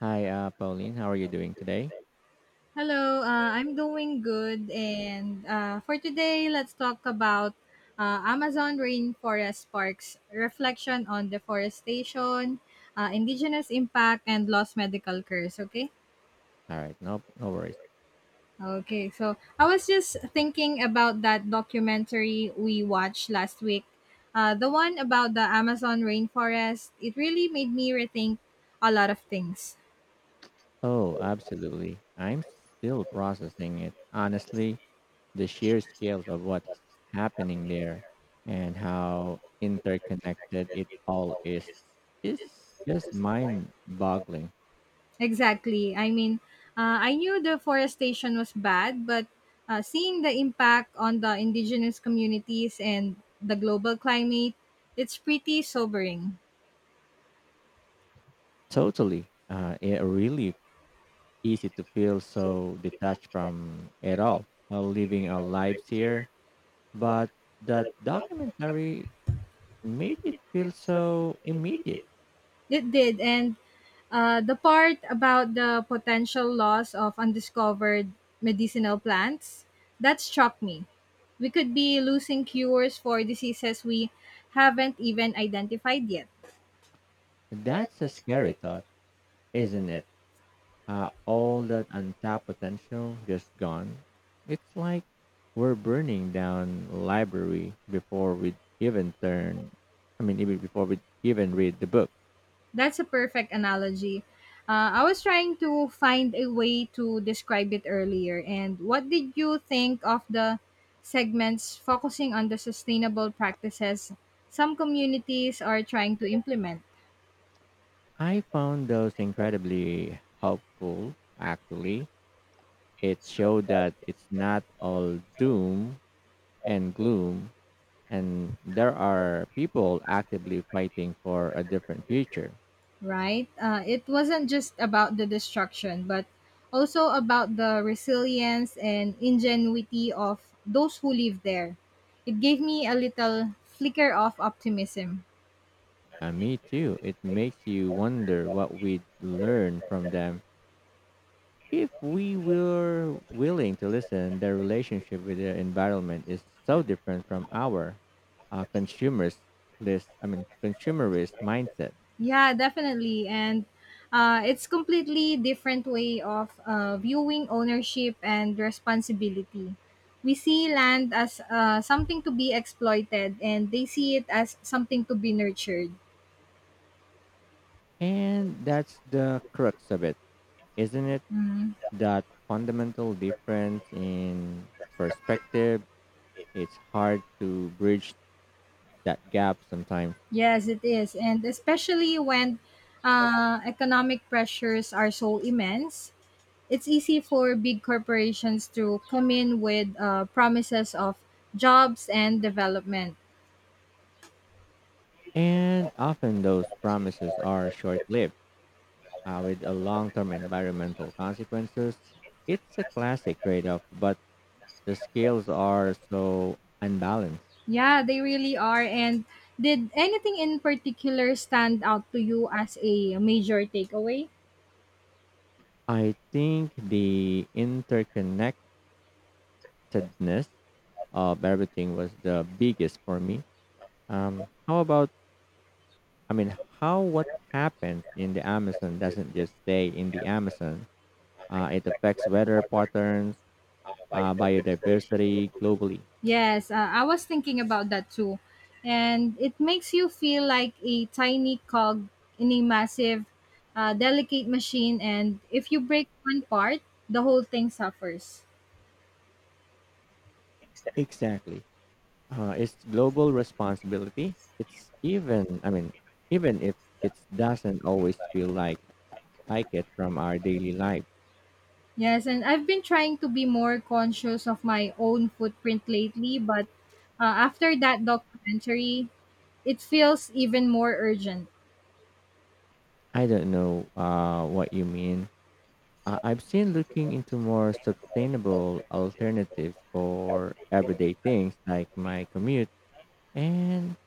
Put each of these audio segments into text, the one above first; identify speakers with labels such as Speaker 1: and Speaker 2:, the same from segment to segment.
Speaker 1: Hi, Pauline. How are you doing today?
Speaker 2: Hello, I'm doing good. And for today, let's talk about Amazon Rainforest Parks reflection on deforestation, indigenous impact, and lost medical curse. Okay?
Speaker 1: All right, no, no worries.
Speaker 2: Okay, so I was just thinking about that documentary we watched last week. The one about the Amazon rainforest, it really made me rethink a lot of things.
Speaker 1: Oh, absolutely. I'm still processing it. Honestly, the sheer scales of what's happening there and how interconnected it all is just mind-boggling.
Speaker 2: Exactly. I mean, I knew deforestation was bad, but seeing the impact on the indigenous communities and the global climate, it's pretty sobering.
Speaker 1: Totally. It really easy to feel so detached from it all, living our lives here. But that documentary made it feel so immediate.
Speaker 2: It did. And the part about the potential loss of undiscovered medicinal plants, that struck me. We could be losing cures for diseases we haven't even identified yet.
Speaker 1: That's a scary thought, isn't it? All that untapped potential just gone. It's like we're burning down library before we even turn. I mean, even before we even read the book.
Speaker 2: That's a perfect analogy. I was trying to find a way to describe it earlier. And what did you think of the segments focusing on the sustainable practices some communities are trying to implement,
Speaker 1: I found those incredibly helpful. Actually, it showed that it's not all doom and gloom, and there are people actively fighting for a different future.
Speaker 2: right? It wasn't just about the destruction, but also about the resilience and ingenuity of those who live there. It gave me a little flicker of optimism.
Speaker 1: Me too. It makes you wonder what we'd learn from them if we were willing to listen. Their relationship with their environment is so different from our consumers list. Consumerist mindset,
Speaker 2: Yeah, definitely. And it's completely different way of viewing ownership and responsibility. We see land as something to be exploited, and they see it as something to be nurtured.
Speaker 1: and that's the crux of it, isn't it?
Speaker 2: Mm.
Speaker 1: That fundamental difference in perspective. It's hard to bridge that gap sometimes,
Speaker 2: Yes, it is. And especially when economic pressures are so immense, it's easy for big corporations to come in with promises of jobs and development.
Speaker 1: and often those promises are short lived, with a long-term environmental consequences. It's a classic trade-off, but the scales are so unbalanced.
Speaker 2: Yeah, they really are. And did anything in particular stand out to you as a major takeaway?
Speaker 1: I think the interconnectedness of everything was the biggest for me. Um, how about, how what happens in the Amazon doesn't just stay in the Amazon. It affects weather patterns, biodiversity globally.
Speaker 2: Yes, I was thinking about that too. And it makes you feel like a tiny cog in a massive, delicate machine. And if you break one part, the whole thing suffers.
Speaker 1: Exactly. It's global responsibility. Even if it doesn't always feel like it from our daily life.
Speaker 2: Yes, and I've been trying to be more conscious of my own footprint lately, but after that documentary, it feels even more urgent.
Speaker 1: I don't know what you mean. I've seen looking into more sustainable alternatives for everyday things like my commute and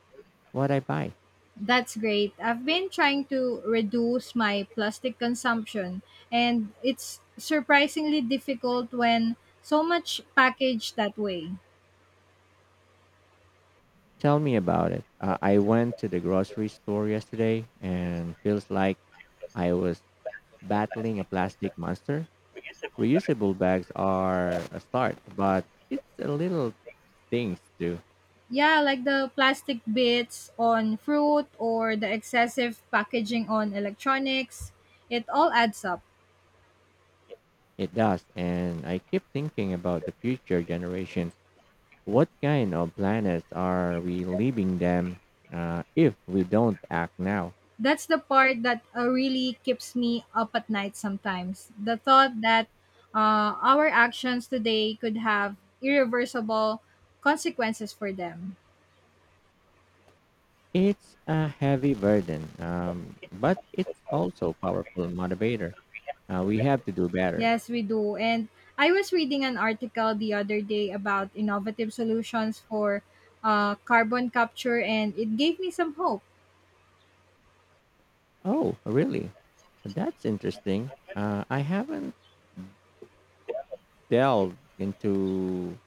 Speaker 1: what I buy.
Speaker 2: That's great. I've been trying to reduce my plastic consumption, and it's surprisingly difficult when so much packaged that way.
Speaker 1: Tell me about it. I went to the grocery store yesterday and feels like I was battling a plastic monster. Reusable bags are a start, but it's a little things too.
Speaker 2: Yeah, like the plastic bits on fruit or the excessive packaging on electronics. It all adds up.
Speaker 1: It does, and I keep thinking about the future generations. What kind of planets are we leaving them, if we don't act now?
Speaker 2: That's the part that really keeps me up at night sometimes. The thought that our actions today could have irreversible consequences for them.
Speaker 1: It's a heavy burden, but it's also a powerful motivator. We have to do better.
Speaker 2: Yes, we do. And I was reading an article the other day about innovative solutions for carbon capture, and it gave me some hope.
Speaker 1: Oh, really? That's interesting. I haven't delved into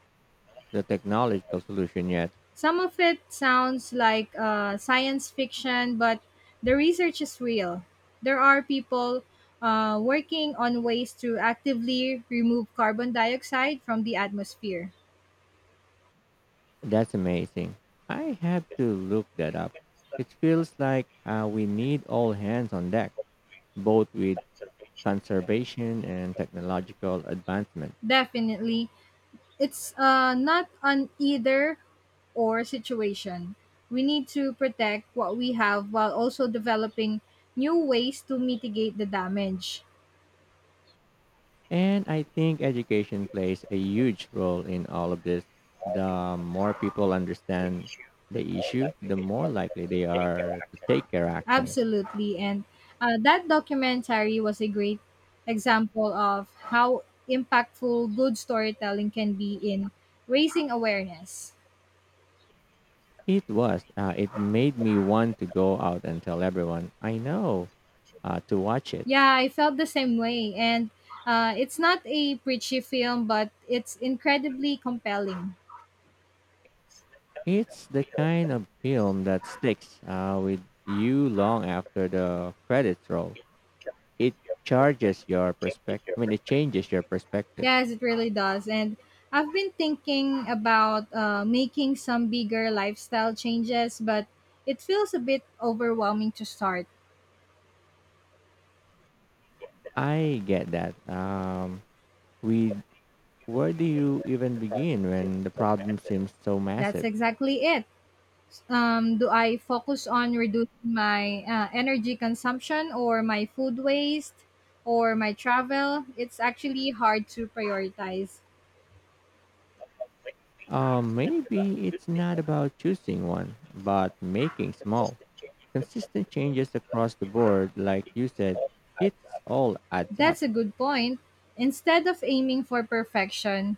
Speaker 1: the technological solution yet.
Speaker 2: Some of it sounds like science fiction, but the research is real. There are people working on ways to actively remove carbon dioxide from the atmosphere.
Speaker 1: That's amazing. I have to look that up. It feels like we need all hands on deck, both with conservation and technological advancement.
Speaker 2: Definitely. It's not an either or situation. We need to protect what we have while also developing new ways to mitigate the damage.
Speaker 1: And I think education plays a huge role in all of this. The more people understand the issue, the more likely they are to take their action.
Speaker 2: Absolutely. And that documentary was a great example of how impactful good storytelling can be in raising awareness.
Speaker 1: It was. It made me want to go out and tell everyone I know to watch it.
Speaker 2: Yeah, I felt the same way. And it's not a preachy film, but it's incredibly compelling.
Speaker 1: It's the kind of film that sticks with you long after the credits roll. It charges your perspective. It changes your perspective.
Speaker 2: Yes, it really does. And I've been thinking about making some bigger lifestyle changes, but it feels a bit overwhelming to start.
Speaker 1: I get that. We where do you even begin when the problem seems so
Speaker 2: That's
Speaker 1: massive?
Speaker 2: exactly it. Do I focus on reducing my energy consumption or my food waste or my travel? It's actually hard to prioritize.
Speaker 1: Maybe it's not about choosing one, but making small. Consistent changes across the board, like you said, it's all adds up.
Speaker 2: That's a good point. Instead of aiming for perfection,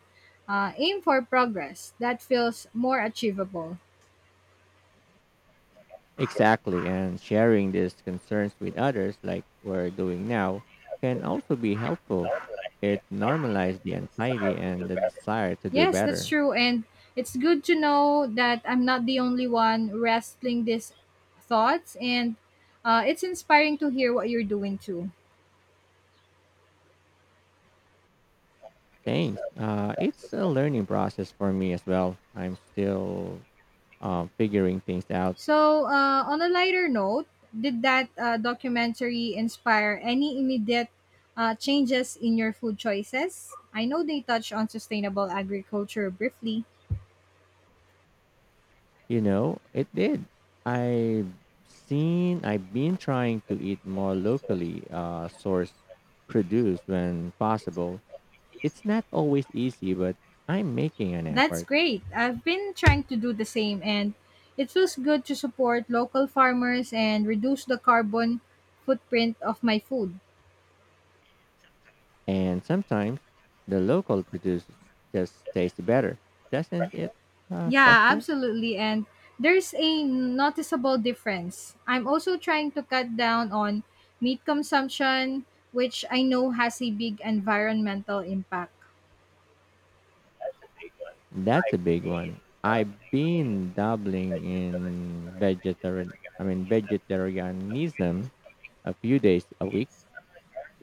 Speaker 2: aim for progress. That feels more achievable.
Speaker 1: Exactly, and sharing these concerns with others, like we're doing now, can also be helpful. It normalizes the anxiety and the desire to do
Speaker 2: Yes, that's
Speaker 1: better.
Speaker 2: true. And it's good to know that I'm not the only one wrestling these thoughts. And it's inspiring to hear what you're doing too.
Speaker 1: Thanks. It's a learning process for me as well. I'm still figuring things out.
Speaker 2: So, on a lighter note, did that documentary inspire any immediate changes in your food choices? I know they touch on sustainable agriculture briefly.
Speaker 1: You know, it did. I've I've been trying to eat more locally sourced produce when possible. It's not always easy, but I'm making an
Speaker 2: That's
Speaker 1: effort.
Speaker 2: great. I've been trying to do the same, and it feels good to support local farmers and reduce the carbon footprint of my food.
Speaker 1: And sometimes the local produce just tastes better. Doesn't it,
Speaker 2: Yeah,
Speaker 1: fresher?
Speaker 2: absolutely. And there's a noticeable difference. I'm also trying to cut down on meat consumption, which I know has a big environmental impact.
Speaker 1: That's a big one. I've been dabbling in vegetarian, vegetarianism a few days a week.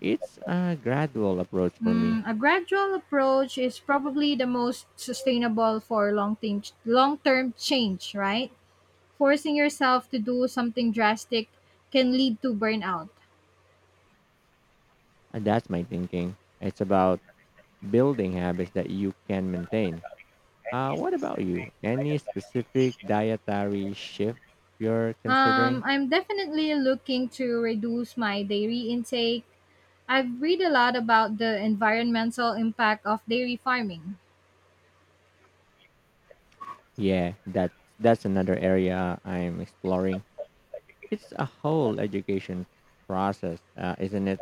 Speaker 1: It's a gradual approach for me.
Speaker 2: Mm, a gradual approach is probably the most sustainable for long-term change, right? Forcing yourself to do something drastic can lead to burnout.
Speaker 1: That's my thinking. It's about building habits that you can maintain. What about you? Any specific dietary shift you're considering?
Speaker 2: I'm definitely looking to reduce my dairy intake. I've read a lot about the environmental impact of dairy farming.
Speaker 1: Yeah, that's another area I'm exploring. It's a whole education process, isn't it?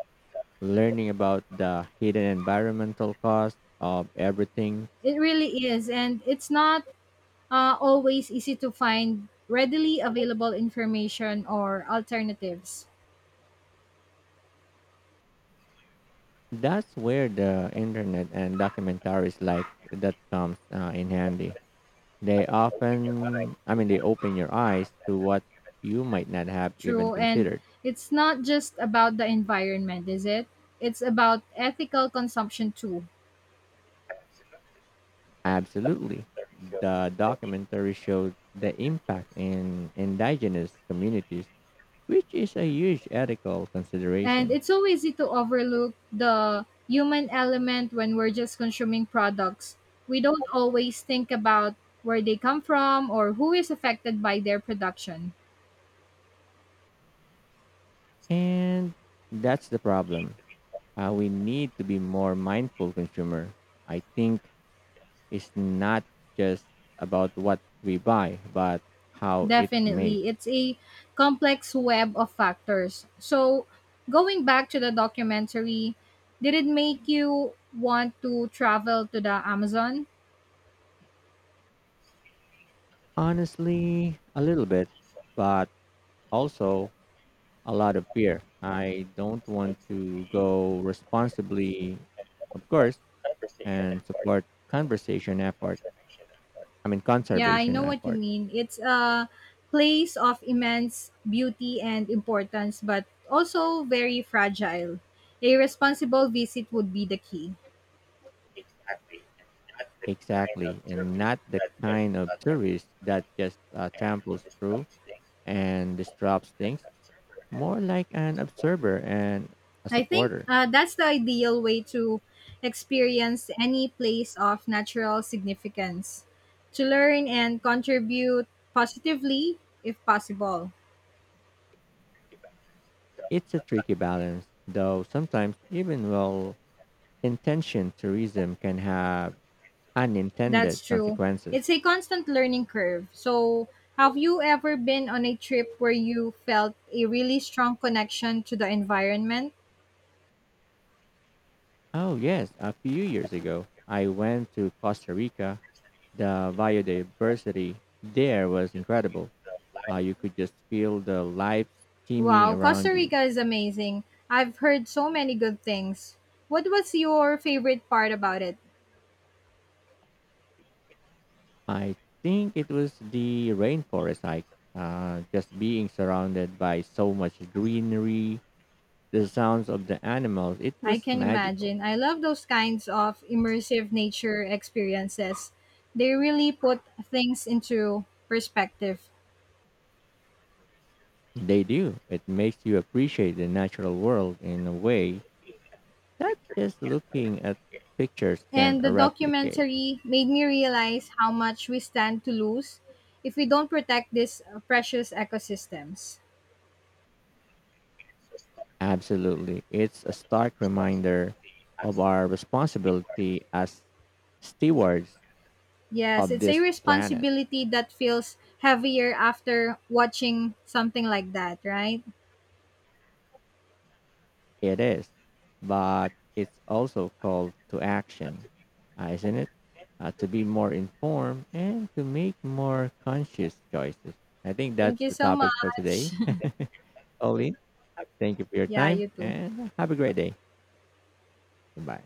Speaker 1: Learning about the hidden environmental costs of everything.
Speaker 2: It really is, and it's not always easy to find readily available information or alternatives.
Speaker 1: That's where the internet and documentaries like that comes in handy. They open your eyes to what you might not have even
Speaker 2: True, and
Speaker 1: considered.
Speaker 2: it's not just about the environment, is it? It's about ethical consumption too.
Speaker 1: Absolutely. The documentary showed the impact in indigenous communities, which is a huge ethical
Speaker 2: And
Speaker 1: consideration.
Speaker 2: it's so easy to overlook the human element when we're just consuming products. We don't always think about where they come from or who is affected by their production.
Speaker 1: And that's the problem. We need to be more mindful consumer. I think it's not just about what we buy, but how it's made.
Speaker 2: Definitely, it's a complex web of factors. So, going back to the documentary, did it make you want to travel to the Amazon?
Speaker 1: Honestly, a little bit, but also a lot of beer. I don't want to go responsibly, of course, and support conversation effort.
Speaker 2: Yeah, I
Speaker 1: Conservation
Speaker 2: know what you
Speaker 1: effort.
Speaker 2: mean. It's a place of immense beauty and importance, but also very fragile. A responsible visit would be the key.
Speaker 1: Exactly. And not the kind of service that just tramples through and disrupts things. More like an observer and a
Speaker 2: I think
Speaker 1: supporter.
Speaker 2: that's the ideal way to experience any place of natural significance, to learn and contribute positively if possible.
Speaker 1: It's a tricky balance, though sometimes even well intentioned tourism can have unintended
Speaker 2: That's true.
Speaker 1: consequences.
Speaker 2: It's a constant learning curve. So, have you ever been on a trip where you felt a really strong connection to the environment?
Speaker 1: Oh, yes. A few years ago, I went to Costa Rica. The biodiversity there was incredible. You could just feel the life teeming
Speaker 2: Wow, Costa
Speaker 1: around you.
Speaker 2: Rica is amazing. I've heard so many good things. What was your favorite part about it?
Speaker 1: I think it was the rainforest hike, just being surrounded by so much greenery, the sounds of the animals. It
Speaker 2: I
Speaker 1: was
Speaker 2: can
Speaker 1: magical.
Speaker 2: imagine. I love those kinds of immersive nature experiences. They really put things into perspective.
Speaker 1: They do. It makes you appreciate the natural world in a way that just looking at pictures can't
Speaker 2: And the
Speaker 1: replicate.
Speaker 2: documentary made me realize how much we stand to lose if we don't protect these precious ecosystems.
Speaker 1: Absolutely. It's a stark reminder of our responsibility as stewards
Speaker 2: Yes,
Speaker 1: of
Speaker 2: it's a
Speaker 1: this planet.
Speaker 2: responsibility that feels heavier after watching something like that, right?
Speaker 1: It is, but it's also called to action, isn't it? To be more informed and to make more conscious choices. I think
Speaker 2: Thank
Speaker 1: that's
Speaker 2: you
Speaker 1: the
Speaker 2: so
Speaker 1: topic for today.
Speaker 2: much.
Speaker 1: Pauline, thank you for your
Speaker 2: Yeah,
Speaker 1: time
Speaker 2: you too.
Speaker 1: and have a great day. Goodbye.